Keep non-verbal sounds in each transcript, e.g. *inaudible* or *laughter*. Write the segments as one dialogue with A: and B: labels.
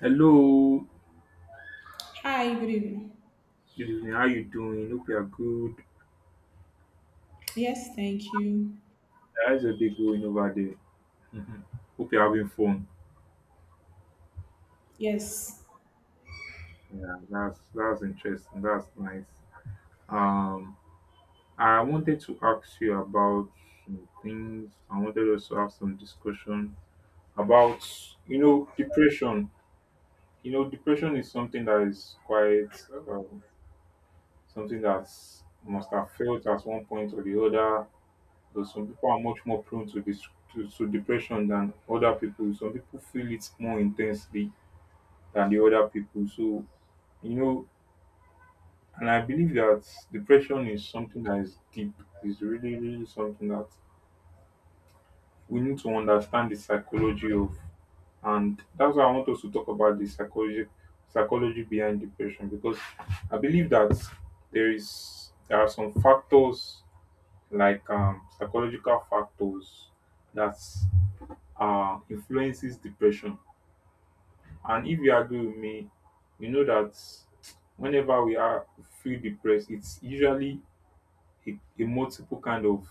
A: Hello,
B: Hi, good evening.
A: good evening. How you doing? Hope you are good.
B: Yes, thank you.
A: How's your day going over there? *laughs* Mhm. Hope you're having fun.
B: Yes.
A: Yeah, that's interesting. That's nice. Um, I wanted to ask you about some things. I wanted us to have some discussion about depression. Depression is something that is quite um, something that must have felt at one point or the other. But some people are much more prone to this, to depression than other people. Some people feel it more intensely than the other people. So you know and I believe that depression is something that is deep. It's really really something that we need to understand the psychology of. And that's why I want us to talk about the psychology behind depression, because I believe that there are some factors like psychological factors that influences depression. And if you agree with me, you know that whenever we are feel depressed, it's usually a multiple kind of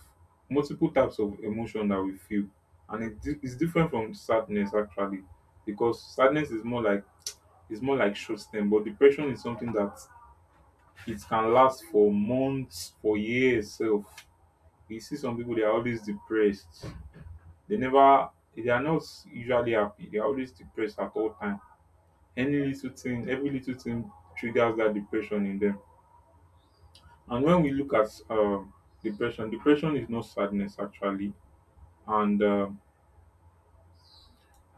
A: multiple types of emotion that we feel, and it's different from sadness actually, because sadness is more like short term, but depression is something that it can last for months, for years. Self, you see some people they are always depressed. They never, they are not usually happy. They are always depressed at all time. Any little thing every little thing triggers that depression in them. And when we look at depression is not sadness actually. And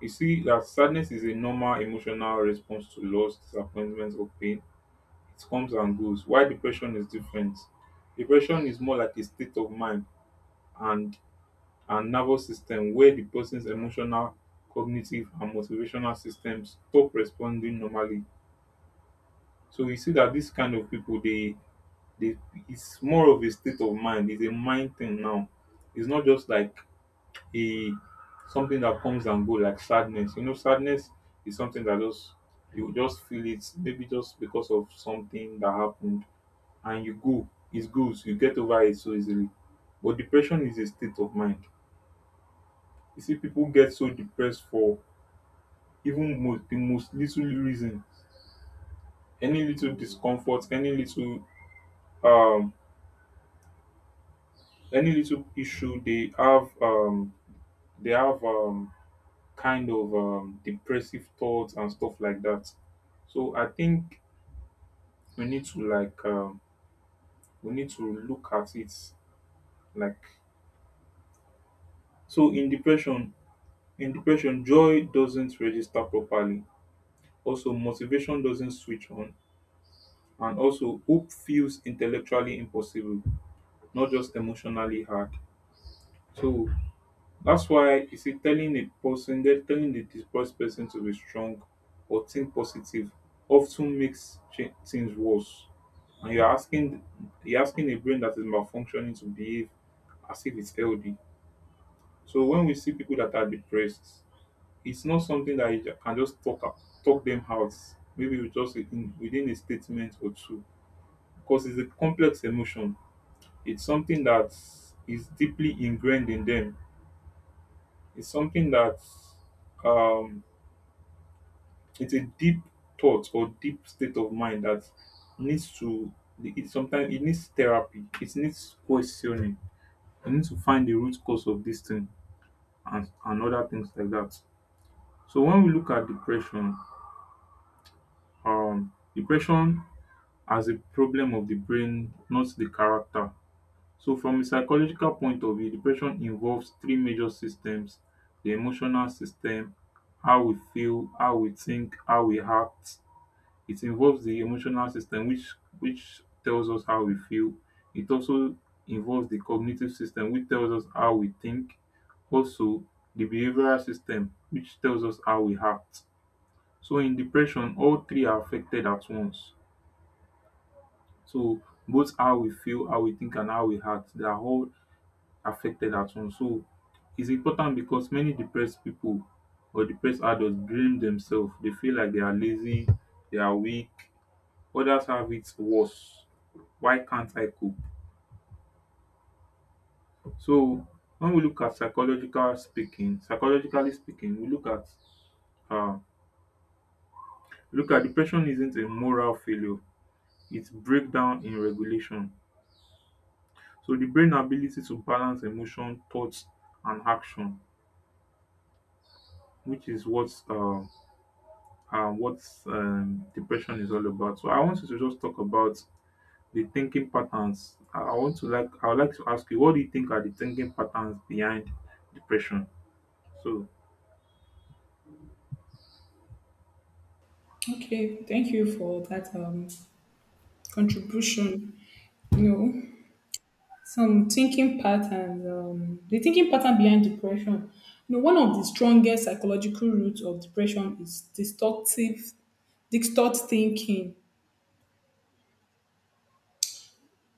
A: you see that sadness is a normal emotional response to loss, disappointment or pain. It comes and goes. Why depression is different: depression is more like a state of mind and nervous system where the person's emotional, cognitive and motivational systems stop responding normally. So we see that this kind of people They, it's more of a state of mind. It's a mind thing now. It's not just like a something that comes and go like sadness. Sadness is something that just you just feel it maybe just because of something that happened and you go. It goes. You get over it so easily. But depression is a state of mind. You see, people get so depressed for even most little reason, any little discomfort, um, any little issue they have kind of depressive thoughts and stuff like that. So I think we need to like we need to look at it like. So in depression, joy doesn't register properly. Also motivation doesn't switch on, and also hope feels intellectually impossible, not just emotionally hard. So that's why you see telling a person then telling the displaced person to be strong or think positive often makes things worse. And you're asking a brain that is malfunctioning to behave as if it's healthy. So when we see people that are depressed, it's not something that you can just talk up, talk them out. Maybe with just within a statement or two, because it's a complex emotion. It's something that is deeply ingrained in them. It's something that um, it's a deep thought or deep state of mind that needs to it sometimes it needs therapy, it needs questioning. You need to find the root cause of this thing, and other things like that. So when we look at depression as a problem of the brain, not the character. So from a psychological point of view, depression involves three major systems: the emotional system, how we feel, how we think, how we act. It involves the emotional system which tells us how we feel. It also involves the cognitive system which tells us how we think. Also, the behavioral system which tells us how we act. So in depression, all three are affected at once. So both how we feel, how we think and how we act, they are all affected at once. So it's important because many depressed people or depressed adults blame themselves. They feel like they are lazy, they are weak, others have it worse. Why can't I cope? So when we look at psychologically speaking, we look at uh, depression isn't a moral failure; it's breakdown in regulation. So the brain ability to balance emotion, thoughts, and action, which is what depression is all about. So I want you to just talk about the thinking patterns. I want to like I would like to ask you, what do you think are the thinking patterns behind depression? So
B: Okay, thank you for that contribution. You know, some thinking patterns, the thinking pattern behind depression. You know, one of the strongest psychological roots of depression is destructive distort thinking.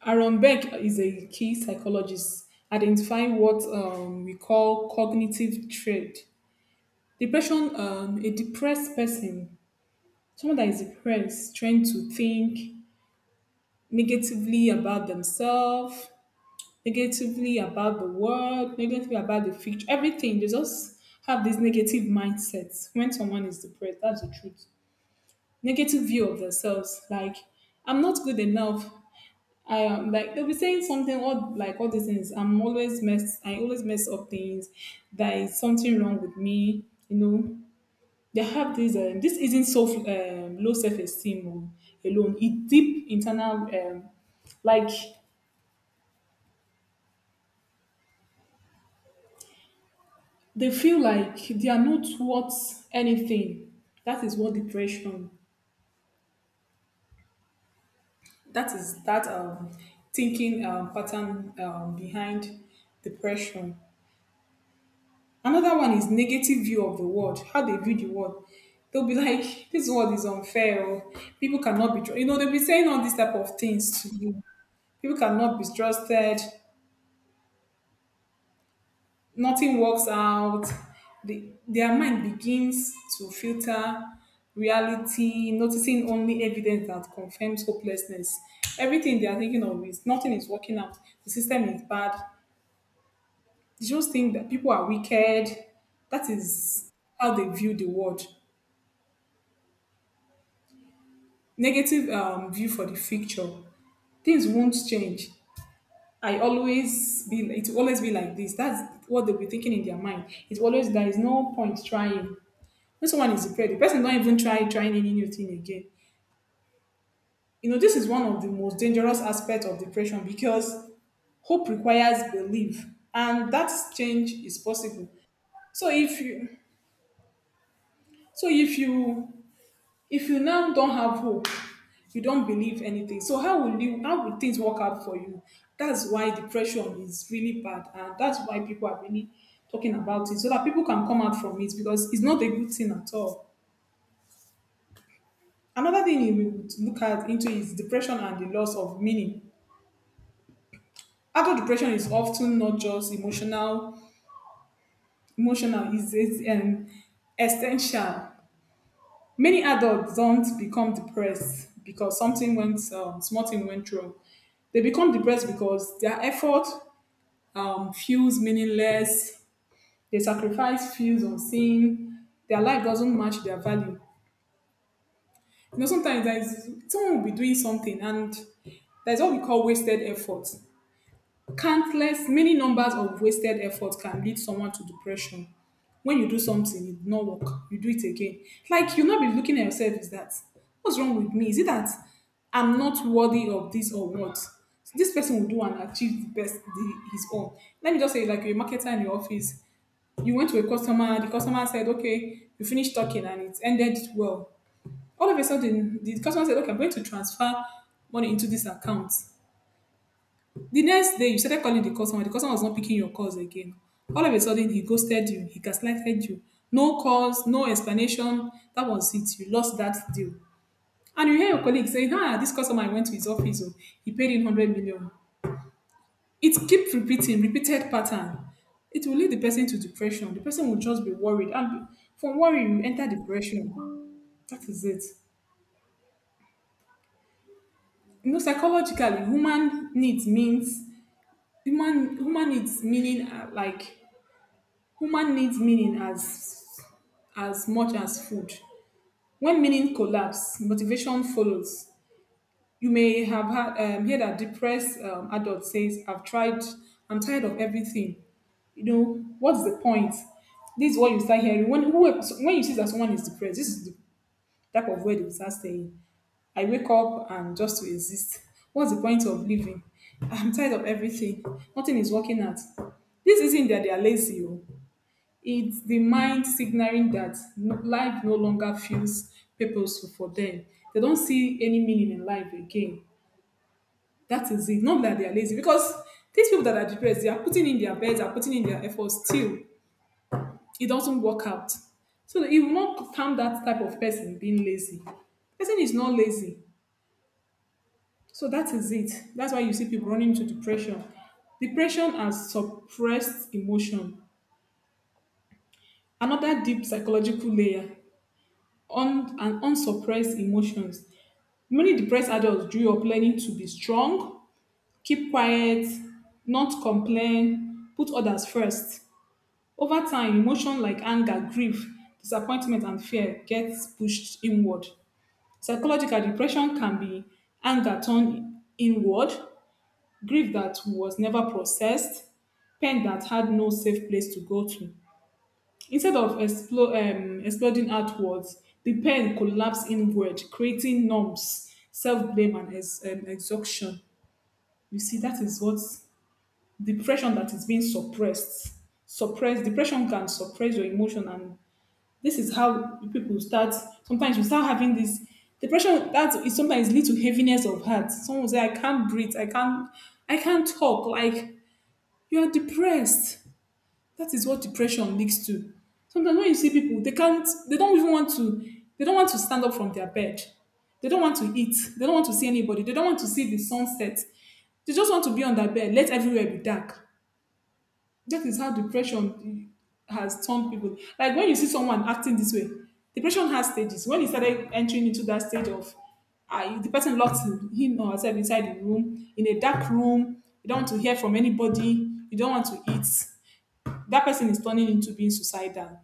B: Aaron Beck is a key psychologist identifying what we call cognitive trait. Depression, a depressed person someone that is depressed trying to think negatively about themselves, negatively about the world, negatively about the future, everything. They just have this negative mindset when someone is depressed. That's the truth. Negative view of themselves, like I'm not good enough. I am like they'll be saying something all like all these things. I'm always mess. I always mess up things. There is something wrong with me. You know, they have this, this isn't self, low self esteem alone, it deep internal, like they feel like they are not worth anything. That is what depression, that is that thinking pattern behind depression. Another one is negative view of the world, how they view the world. They'll be *laughs* like, this world is unfair, or people cannot be, you know, they'll be saying all these type of things to you. People cannot be trusted, nothing works out, their mind begins to filter reality, noticing only evidence that confirms hopelessness. Everything they are thinking of is nothing is working out. The system is bad. They just think that people are wicked. That is how they view the world. Negative view for the future. Things won't change. I always be. It will always be like this. That's what they'll be thinking in their mind. It's always there is no point trying. This one is the prey. The person don't even try trying any new thing again. You know, this is one of the most dangerous aspects of depression because hope requires belief, and that change is possible. So if you, so if you, if you now don't have hope, you don't believe anything. So how will you? How will things work out for you? That's why depression is really bad, and that's why people are really talking about it so that people can come out from it because it's not a good thing at all. Another thing you would look at into is depression and the loss of meaning. Adult depression is often not just emotional, emotional is essential. Many adults don't become depressed because something went small thing went wrong. They become depressed because their effort feels meaningless. Their sacrifice feels unseen. Their life doesn't match their value. You know, sometimes there's someone will be doing something and there's what we call wasted effort. Countless, many numbers of wasted effort can lead someone to depression. When you do something, it not work, you do it again. Like you not be looking at yourself is that what's wrong with me? Is it that I'm not worthy of this or what? So this person will do and achieve the best the, his own. Let me just say, like you're a marketer in your office, you went to a customer, the customer said, "Okay," you finished talking and it ended well. All of a sudden, the customer said, "Okay, I'm going to transfer money into this account." The next day, you started calling the customer. The customer was not picking your calls again. All of a sudden, he ghosted you. He gaslighted you. No calls, no explanation. That was it. You lost that deal. And you hear your colleague saying, ah, this customer I went to his office. Oh, he paid in 100 million. It keeps repeating, repeated pattern. It will lead the person to depression. The person will just be worried. And from worry, you enter depression. That is it. You know, psychologically, human needs means, human needs meaning like human needs meaning as much as food. When meaning collapse, motivation follows. You may have had, heard a depressed adult says, "I've tried. I'm tired of everything. You know what's the point?" This is what you start hearing when who, when you see that someone is depressed. This is the type of word you start saying. I wake up and just to exist. What's the point of living? I'm tired of everything. Nothing is working out. This isn't that they are lazy. Oh. It's the mind signaling that life no longer feels purposeful for them. They don't see any meaning in life again. That is it. Not that they are lazy, because these people that are depressed, they are putting in their beds, they are putting in their efforts. Still, it doesn't work out. So you will not count that type of person being lazy. Person is not lazy. So that is it. That's why you see people running into depression. Depression and suppressed emotion. Another deep psychological layer and unsuppressed emotions. Many depressed adults grew up learning to be strong, keep quiet, not complain, put others first. Over time, emotions like anger, grief, disappointment, and fear get pushed inward. Psychological depression can be anger turned inward, grief that was never processed, pain that had no safe place to go to. Instead of exploding outwards, the pain collapsed inward, creating numbs, self blame, and exhaustion. You see, that is what depression that is being suppressed. Suppressed depression can suppress your emotion, and this is how people start. Sometimes you start having this depression that is sometimes lead to heaviness of heart. Someone will say, "I can't breathe. I can't. I can't talk." Like you are depressed, that is what depression leads to. Sometimes when you see people, they can't, they don't even want to, they don't want to stand up from their bed. They don't want to eat. They don't want to see anybody. They don't want to see the sunset. They just want to be on their bed. Let everywhere be dark. That is how depression has turned people. Like when you see someone acting this way, depression has stages. When he started entering into that stage of, I, the person locked him or herself inside the room, in a dark room. You don't want to hear from anybody. You don't want to eat, that person is turning into being suicidal,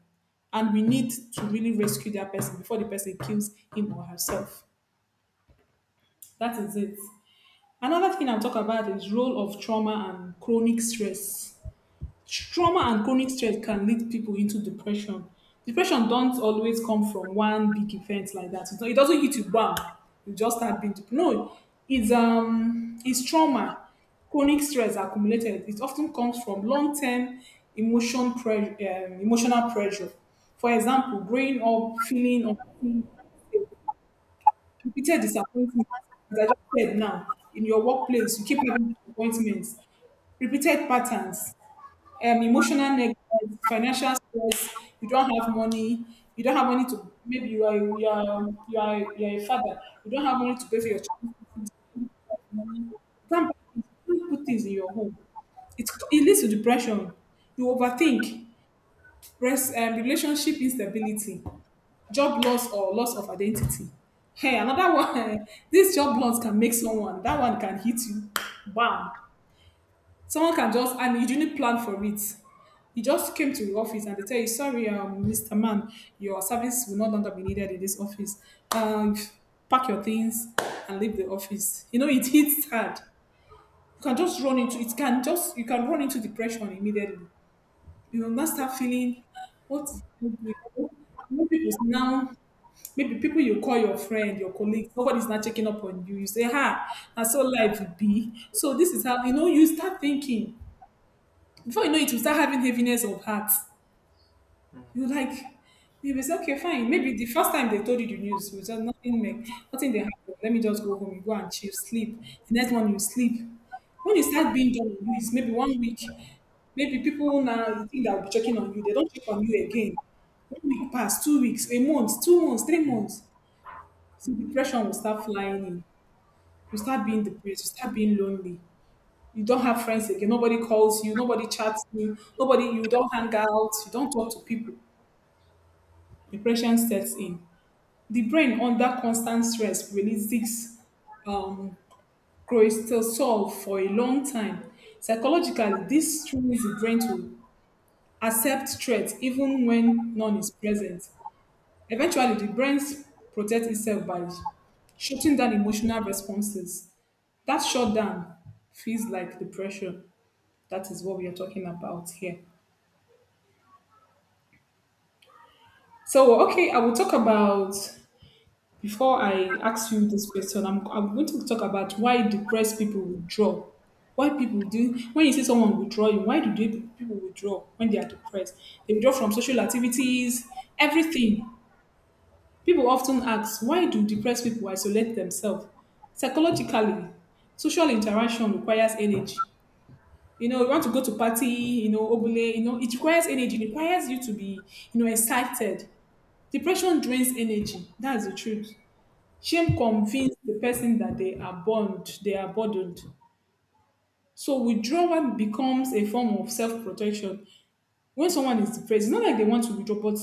B: and we need to really rescue that person before the person kills him or herself. That is it. Another thing I'll talk about is role of trauma and chronic stress. Trauma and chronic stress can lead people into depression. Depression don't always come from one big event like that. It doesn't hit you bam, you just start being depressed. No, it's trauma. Chronic stress accumulated. It often comes from long-term emotion pressure, emotional pressure. For example, growing up feeling unseen, repeated disappointment. As I just said now, in your workplace, you keep having disappointments, repeated patterns, emotional neglect, financial stress, you don't have money, you don't have money to maybe you are you are you are a father, you don't have money to pay for your children's things, money, you can't buy things, you can't put things in your home. It leads to depression. You overthink, relationship instability, job loss or loss of identity. Hey, another one. *laughs* This job loss can make someone. That one can hit you. Bam. Someone can just and you didn't plan for it. You just came to the office and they tell you, sorry, Mr. Man, your service will no longer be needed in this office. Um, pack your things and leave the office. You know, it hits hard. You can just run into it can just you can run into depression immediately. You will not start feeling what is happening?" And when people now maybe people you call your friend, your colleague, nobody's not checking up on you. You say, ha, and so life will be. So this is how you know you start thinking before you know it, you start having heaviness of heart. You're like, you will say, okay, fine. Maybe the first time they told you the news, you said nothing, make, nothing they happen. Let me just go home. You go and chill, sleep. The next one, you sleep. When you start being done on you, it's maybe 1 week. Maybe people now think they'll be checking on you. They don't check on you again. 1 week pass, 2 weeks, a month, 2 months, 3 months. So depression will start flying in. You start being depressed. You start being lonely, you don't have friends again. Nobody calls you. Nobody chats you. Nobody, you don't hang out. You don't talk to people. Depression sets in. The brain under constant stress releases um, cortisol for a long time. Psychologically, this trains the brain to accept threat even when none is present. Eventually, the brain protects itself by shutting down emotional responses. That shutdown feels like depression. That is what we are talking about here. So, okay, I will talk about before I ask you this question. I'm going to talk about why depressed people withdraw. Why people do when you see someone withdrawing, why do people withdraw when they are depressed? They withdraw from social activities, everything. People often ask, why do depressed people isolate themselves? Psychologically, social interaction requires energy. You know, you want to go to party, you know, obule, you know, it requires energy, it requires you to be, you know, excited. Depression drains energy. That's the truth. Shame convinces the person that they are burned, they are burdened. So withdrawal becomes a form of self-protection. When someone is depressed, it's not like they want to withdraw, but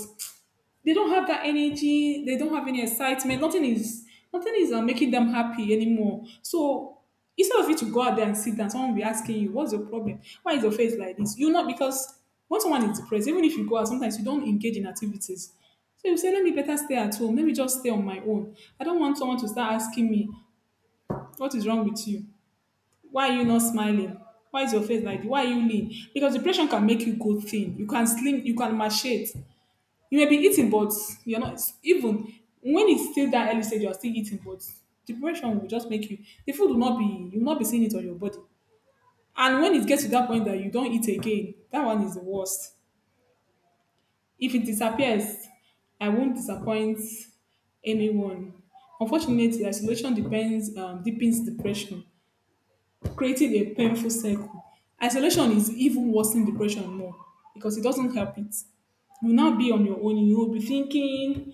B: they don't have that energy, they don't have any excitement. Nothing is making them happy anymore. So instead of you to go out there and sit down, someone will be asking you, what's your problem, why is your face like this? You know, because when someone is depressed, even if you go out sometimes, you don't engage in activities. So you say, let me better stay at home, let me just stay on my own, I don't want someone to start asking me, what is wrong with you, why are you not smiling, why is your face like this? Why are you lean? Because depression can make you go thin, you can slim, you can machete. You may be eating, but you're not even, when it's still that early stage, you're still eating, but depression will just make you, the food will not be, you will not be seeing it on your body. And when it gets to that point that you don't eat again, that one is the worst. If it disappears, I won't disappoint anyone. Unfortunately, isolation depends deepens depression, creating a painful cycle. Isolation is even worse than depression more, because it doesn't help it. You will now be on your own. You will be thinking,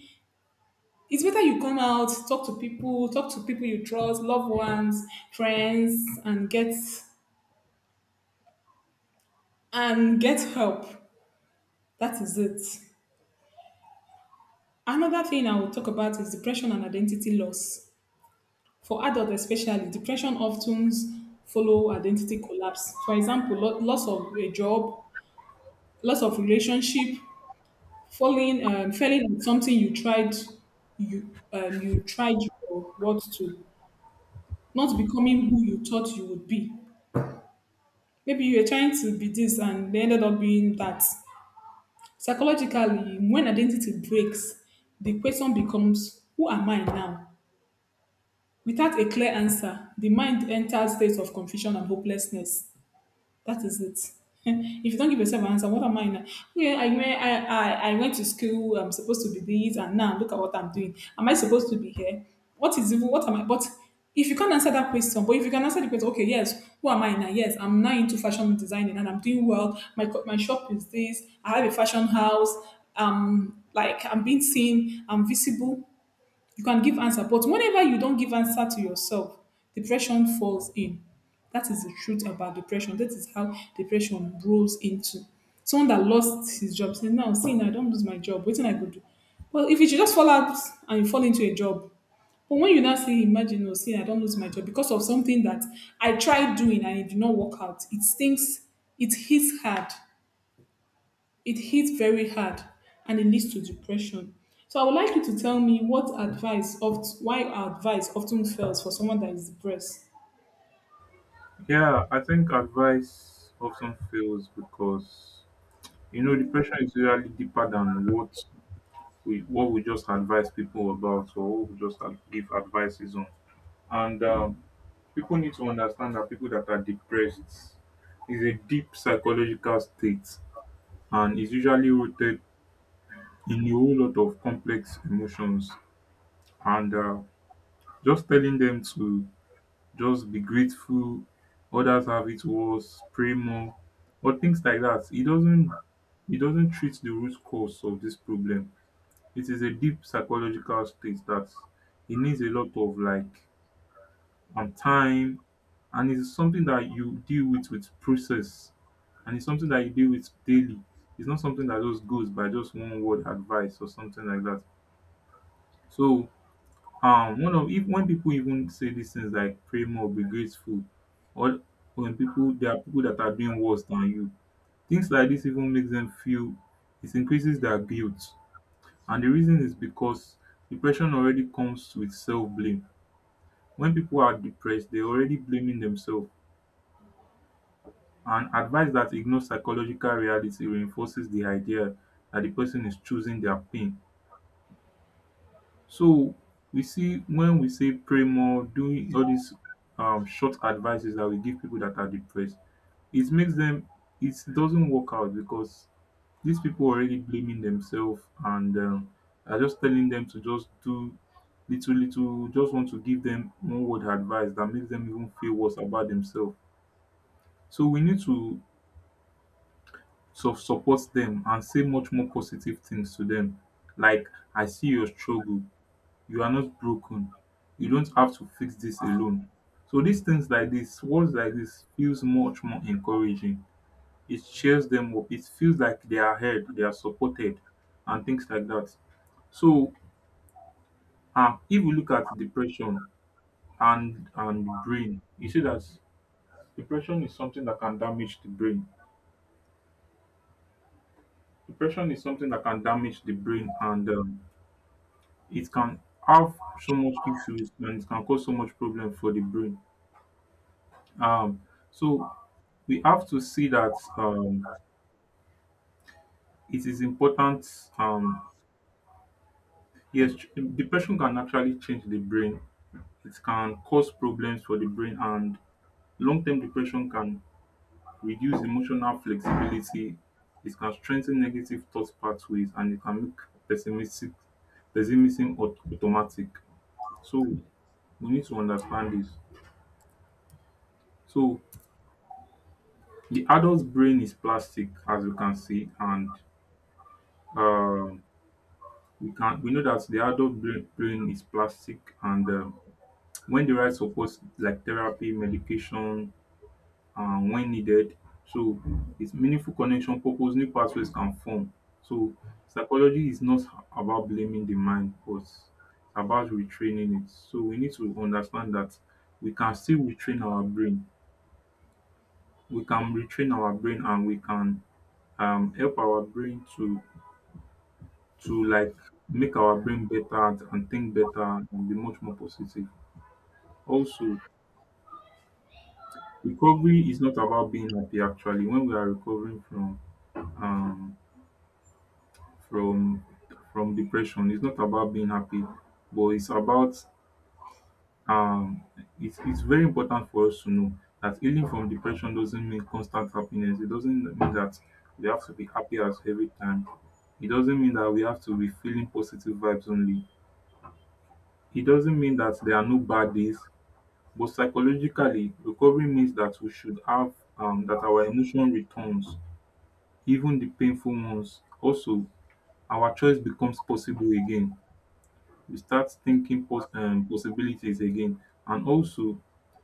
B: it's better you come out, talk to people you trust, loved ones, friends, and get help. That is it. Another thing I will talk about is depression and identity loss. For adults especially, depression often follow identity collapse. For example, loss of a job, loss of relationship, failing at something you tried, you tried your what to, not becoming who you thought you would be. Maybe you were trying to be this and they ended up being that. Psychologically, when identity breaks, the question becomes, who am I now? Without a clear answer, the mind enters states of confusion and hopelessness. That is it. *laughs* If you don't give yourself an answer, what am I now? Yeah, I went, I went to school. I'm supposed to be this, and now look at what I'm doing. Am I supposed to be here? What is even? What am I? But if you can't answer that question, but if you can answer the question, okay, yes, who am I now? Yes, I'm now into fashion designing, and I'm doing well. My shop is this. I have a fashion house. Like I'm being seen. I'm visible. You can give answer, but whenever you don't give answer to yourself, depression falls in. That is the truth about depression. That is how depression rolls into someone that lost his job. Say now, see, now I not lose my job, what can I go do? Well, if you just fall out and you fall into a job, but when you now say, imagine, oh, see, I don't lose my job because of something that I tried doing and it did not work out, it stinks. It hits hard. It hits very hard. And it leads to depression. So I would like you to tell me what advice of why our advice often fails for someone that is depressed.
A: yeah, I think advice often fails because depression is usually deeper than what we just advise people about, or what we just give advices on. And people need to understand that people that are depressed is a deep psychological state and is usually rooted in a whole lot of complex emotions. And just telling them to just be grateful, others have it worse, pray more, or things like that. It doesn't treat the root cause of this problem. It is a deep psychological state that it needs a lot of like and time, and it's something that you deal with process, and it's something that you deal with daily. It's not something that just goes by just one word advice or something like that. So one of if when people even say these things like pray more, be grateful, or when people there are people that are doing worse than you, things like this even makes them feel it increases their guilt. And the reason is because depression already comes with self-blame. When people are depressed, they're already blaming themselves, and advice that ignores psychological reality reinforces the idea that the person is choosing their pain. So we see when we say pray more, doing all these short advices that we give people that are depressed, it makes them it doesn't work out because these people are already blaming themselves. And are just telling them to just do little, just want to give them one word advice that makes them even feel worse about themselves. So we need to sort of support them and say much more positive things to them, like, I see your struggle, you are not broken, you don't have to fix this alone. So these things like this, words like this, feels much more encouraging. It cheers them up, it feels like they are heard, they are supported, and things like that. So if we look at depression and brain, you see that depression is something that can damage the brain. Depression is something that can damage the brain, and it can have so much issues, and it can cause so much problem for the brain. um so we have to see that it is important. Yes, depression can actually change the brain. It can cause problems for the brain, and long-term depression can reduce emotional flexibility. It can strengthen negative thought pathways, and it can make pessimistic pessimism automatic. So we need to understand this. So the adult brain is plastic, as you can see, and um, we know that the adult brain is plastic, and when the right support like therapy, medication, and when needed, so it's meaningful connection, purpose, new pathways can form. So psychology is not about blaming the mind, but it's about retraining it. So we need to understand that we can still retrain our brain. We can retrain our brain, and we can help our brain to like make our brain better, and think better and be much more positive. Also, recovery is not about being happy actually. When we are recovering from um from depression, it's not about being happy, but it's about um it's very important for us to know that healing from depression doesn't mean constant happiness. It doesn't mean that we have to be happy as every time. It doesn't mean that we have to be feeling positive vibes only. It doesn't mean that there are no bad days. But psychologically, recovery means that we should have that our emotion returns, even the painful ones. Also, our choice becomes possible again. We start thinking possibilities again, and also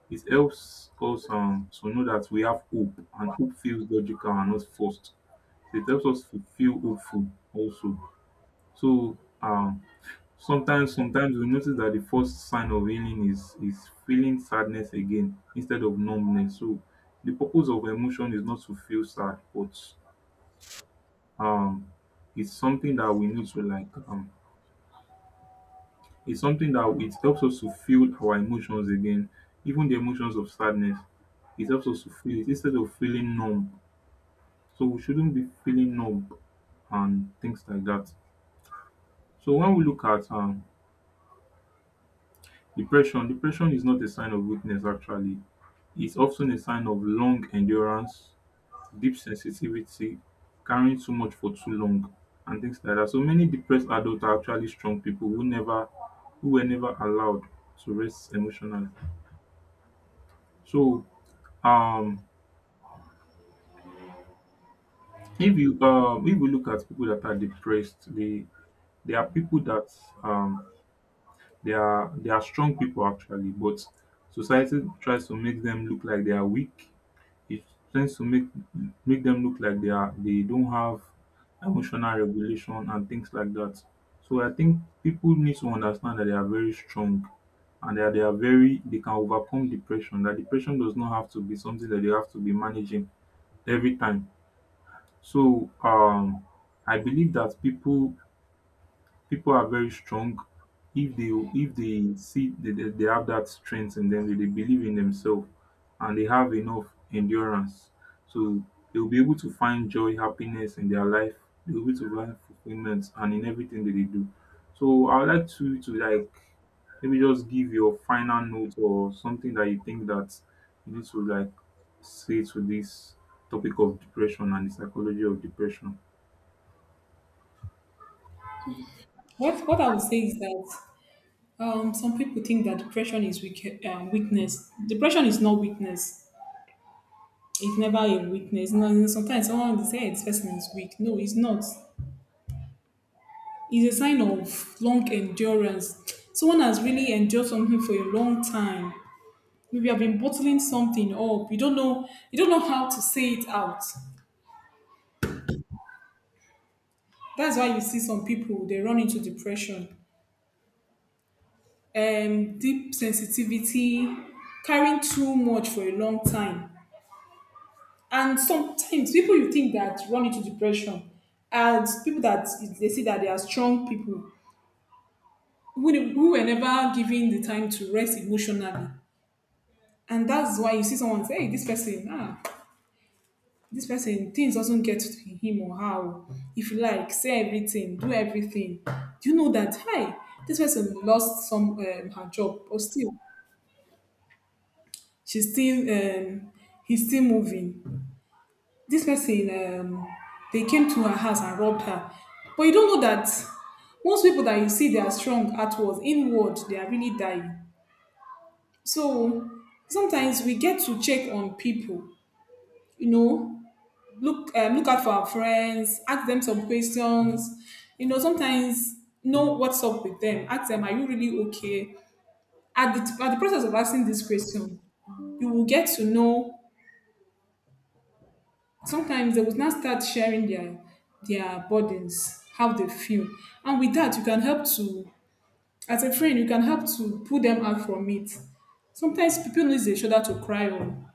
A: it helps us to know that we have hope, and hope feels logical and not forced. So it helps us to feel hopeful also. So sometimes we notice that the first sign of healing is feeling sadness again instead of numbness. So the purpose of emotion is not to feel sad, but um it's something that we need to like it's something that it helps us to feel our emotions again, even the emotions of sadness. It helps us to feel it instead of feeling numb. So we shouldn't be feeling numb and things like that. So when we look at depression is not a sign of weakness actually. It's often a sign of long endurance, deep sensitivity, carrying too much for too long, and things like that. So many depressed adults are actually strong people who were never allowed to rest emotionally. So um if we look at people that are depressed, they are people that um they are strong people actually, but society tries to make them look like they are weak. It tends to make them look like they don't have emotional regulation and things like that. So I think people need to understand that they are very strong, and that they are very they can overcome depression. That depression does not have to be something that they have to be managing every time. So I believe that people are very strong, if they see they have that strength in them, they believe in themselves and they have enough endurance. So they'll be able to find joy, happiness in their life. They'll be able to find fulfillment and in everything that they do. So I would like to like maybe just give your final note or something that you think that you need to like say to this topic of depression and the psychology of depression.
B: What I would say is that some people think that depression is weak, weakness. Depression is not weakness. It's never a weakness. No, no, sometimes someone will say, "Hey, this person is weak." No, it's not. It's a sign of long endurance. Someone has really endured something for a long time. Maybe I've been bottling something up. You don't know. You don't know how to say it out. That's why you see some people they run into depression, deep sensitivity, carrying too much for a long time. And sometimes people you think that run into depression and people that they see that they are strong people who, who were never given the time to rest emotionally. And that's why you see someone say, hey, this person, ah, this person things doesn't get to him or how, if you like say everything, do everything, do you know that, hi, this person lost some, her job, or still she's still he's still moving, this person, um, they came to her house and robbed her. But you don't know that most people that you see, they are strong outwards, inward they are really dying. So sometimes we get to check on people, you know, look, look out for our friends, ask them some questions. You know, sometimes know what's up with them, ask them, are you really okay? At the, at the process of asking this question, you will get to know. Sometimes they will now start sharing their burdens, how they feel. And with that you can help to, as a friend you can help to pull them out from it. Sometimes people need a shoulder to cry on.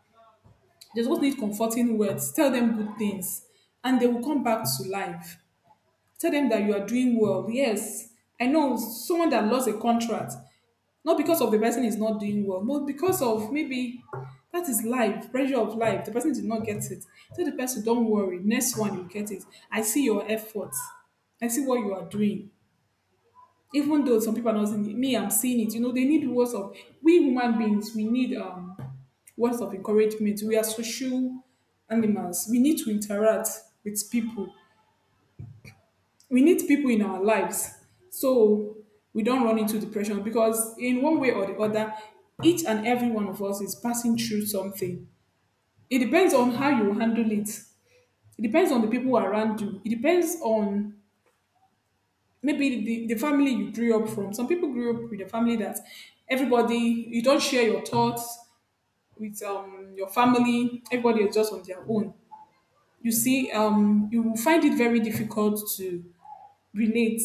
B: They just need comforting words, tell them good things, and they will come back to life. Tell them that you are doing well. Yes, I know someone that lost a contract, not because of the person is not doing well, but because of maybe, that is life, pressure of life. The person did not get it. Tell the person, don't worry, next one you get it. I see your efforts. I see what you are doing. Even though some people are not seeing it, me, I'm seeing it. You know, they need words of, we human beings, we need words of encouragement. We are social animals. We need to interact with people. We need people in our lives. So we don't run into depression, because in one way or the other, each and every one of us is passing through something. It depends on how you handle it. It depends on the people around you. It depends on maybe the family you grew up from. Some people grew up with a family that everybody, you don't share your thoughts with your family, everybody is just on their own. You see, you will find it very difficult to relate.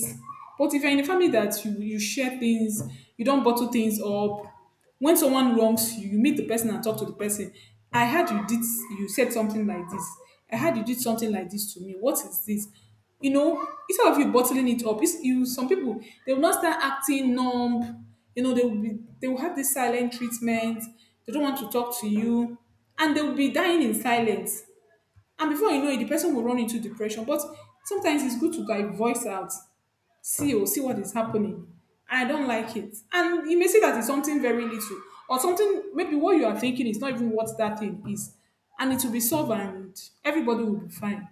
B: But if you're in a family that you share things, you don't bottle things up. When someone wrongs you, you meet the person and talk to the person. I heard you did, you said something like this. I heard you did something like this to me. What is this? You know, instead of you bottling it up, it's, you, some people they will not start acting numb. You know, they will be, they will have this silent treatment. They don't want to talk to you, and they will be dying in silence. And before you know it, the person will run into depression. But sometimes it's good to like voice out, see, oh, see what is happening, I don't like it. And you may see that it's something very little, or something, maybe what you are thinking is not even what that thing is. And it will be solved and everybody will be fine.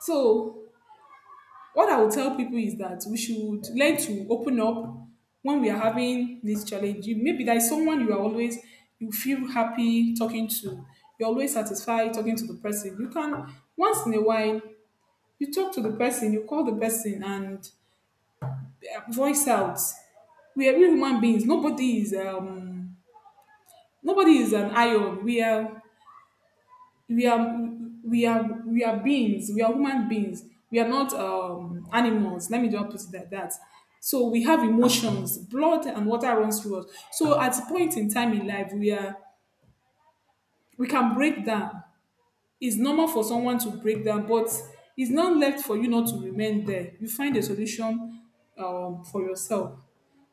B: So what I will tell people is that we should learn to open up when we are having this challenge. You, maybe there is someone you are always, you feel happy talking to. You're always satisfied talking to the person. You can once in a while you talk to the person, you call the person and voice out. We are we human beings. Nobody is an iron. We are we are we are beings. We are human beings. We are not animals. Let me just put it like that. So we have emotions, blood and water runs through us. So at a point in time in life, we are, we can break down. It's normal for someone to break down, but it's not left for you not to remain there. You find a solution, for yourself.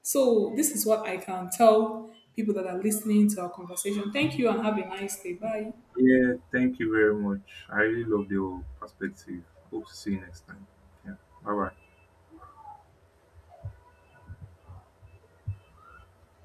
B: So, this is what I can tell people that are listening to our conversation. Thank you and have a nice day. Bye.
A: Yeah, thank you very much. I really love your perspective. Hope to see you next time. Yeah, bye bye.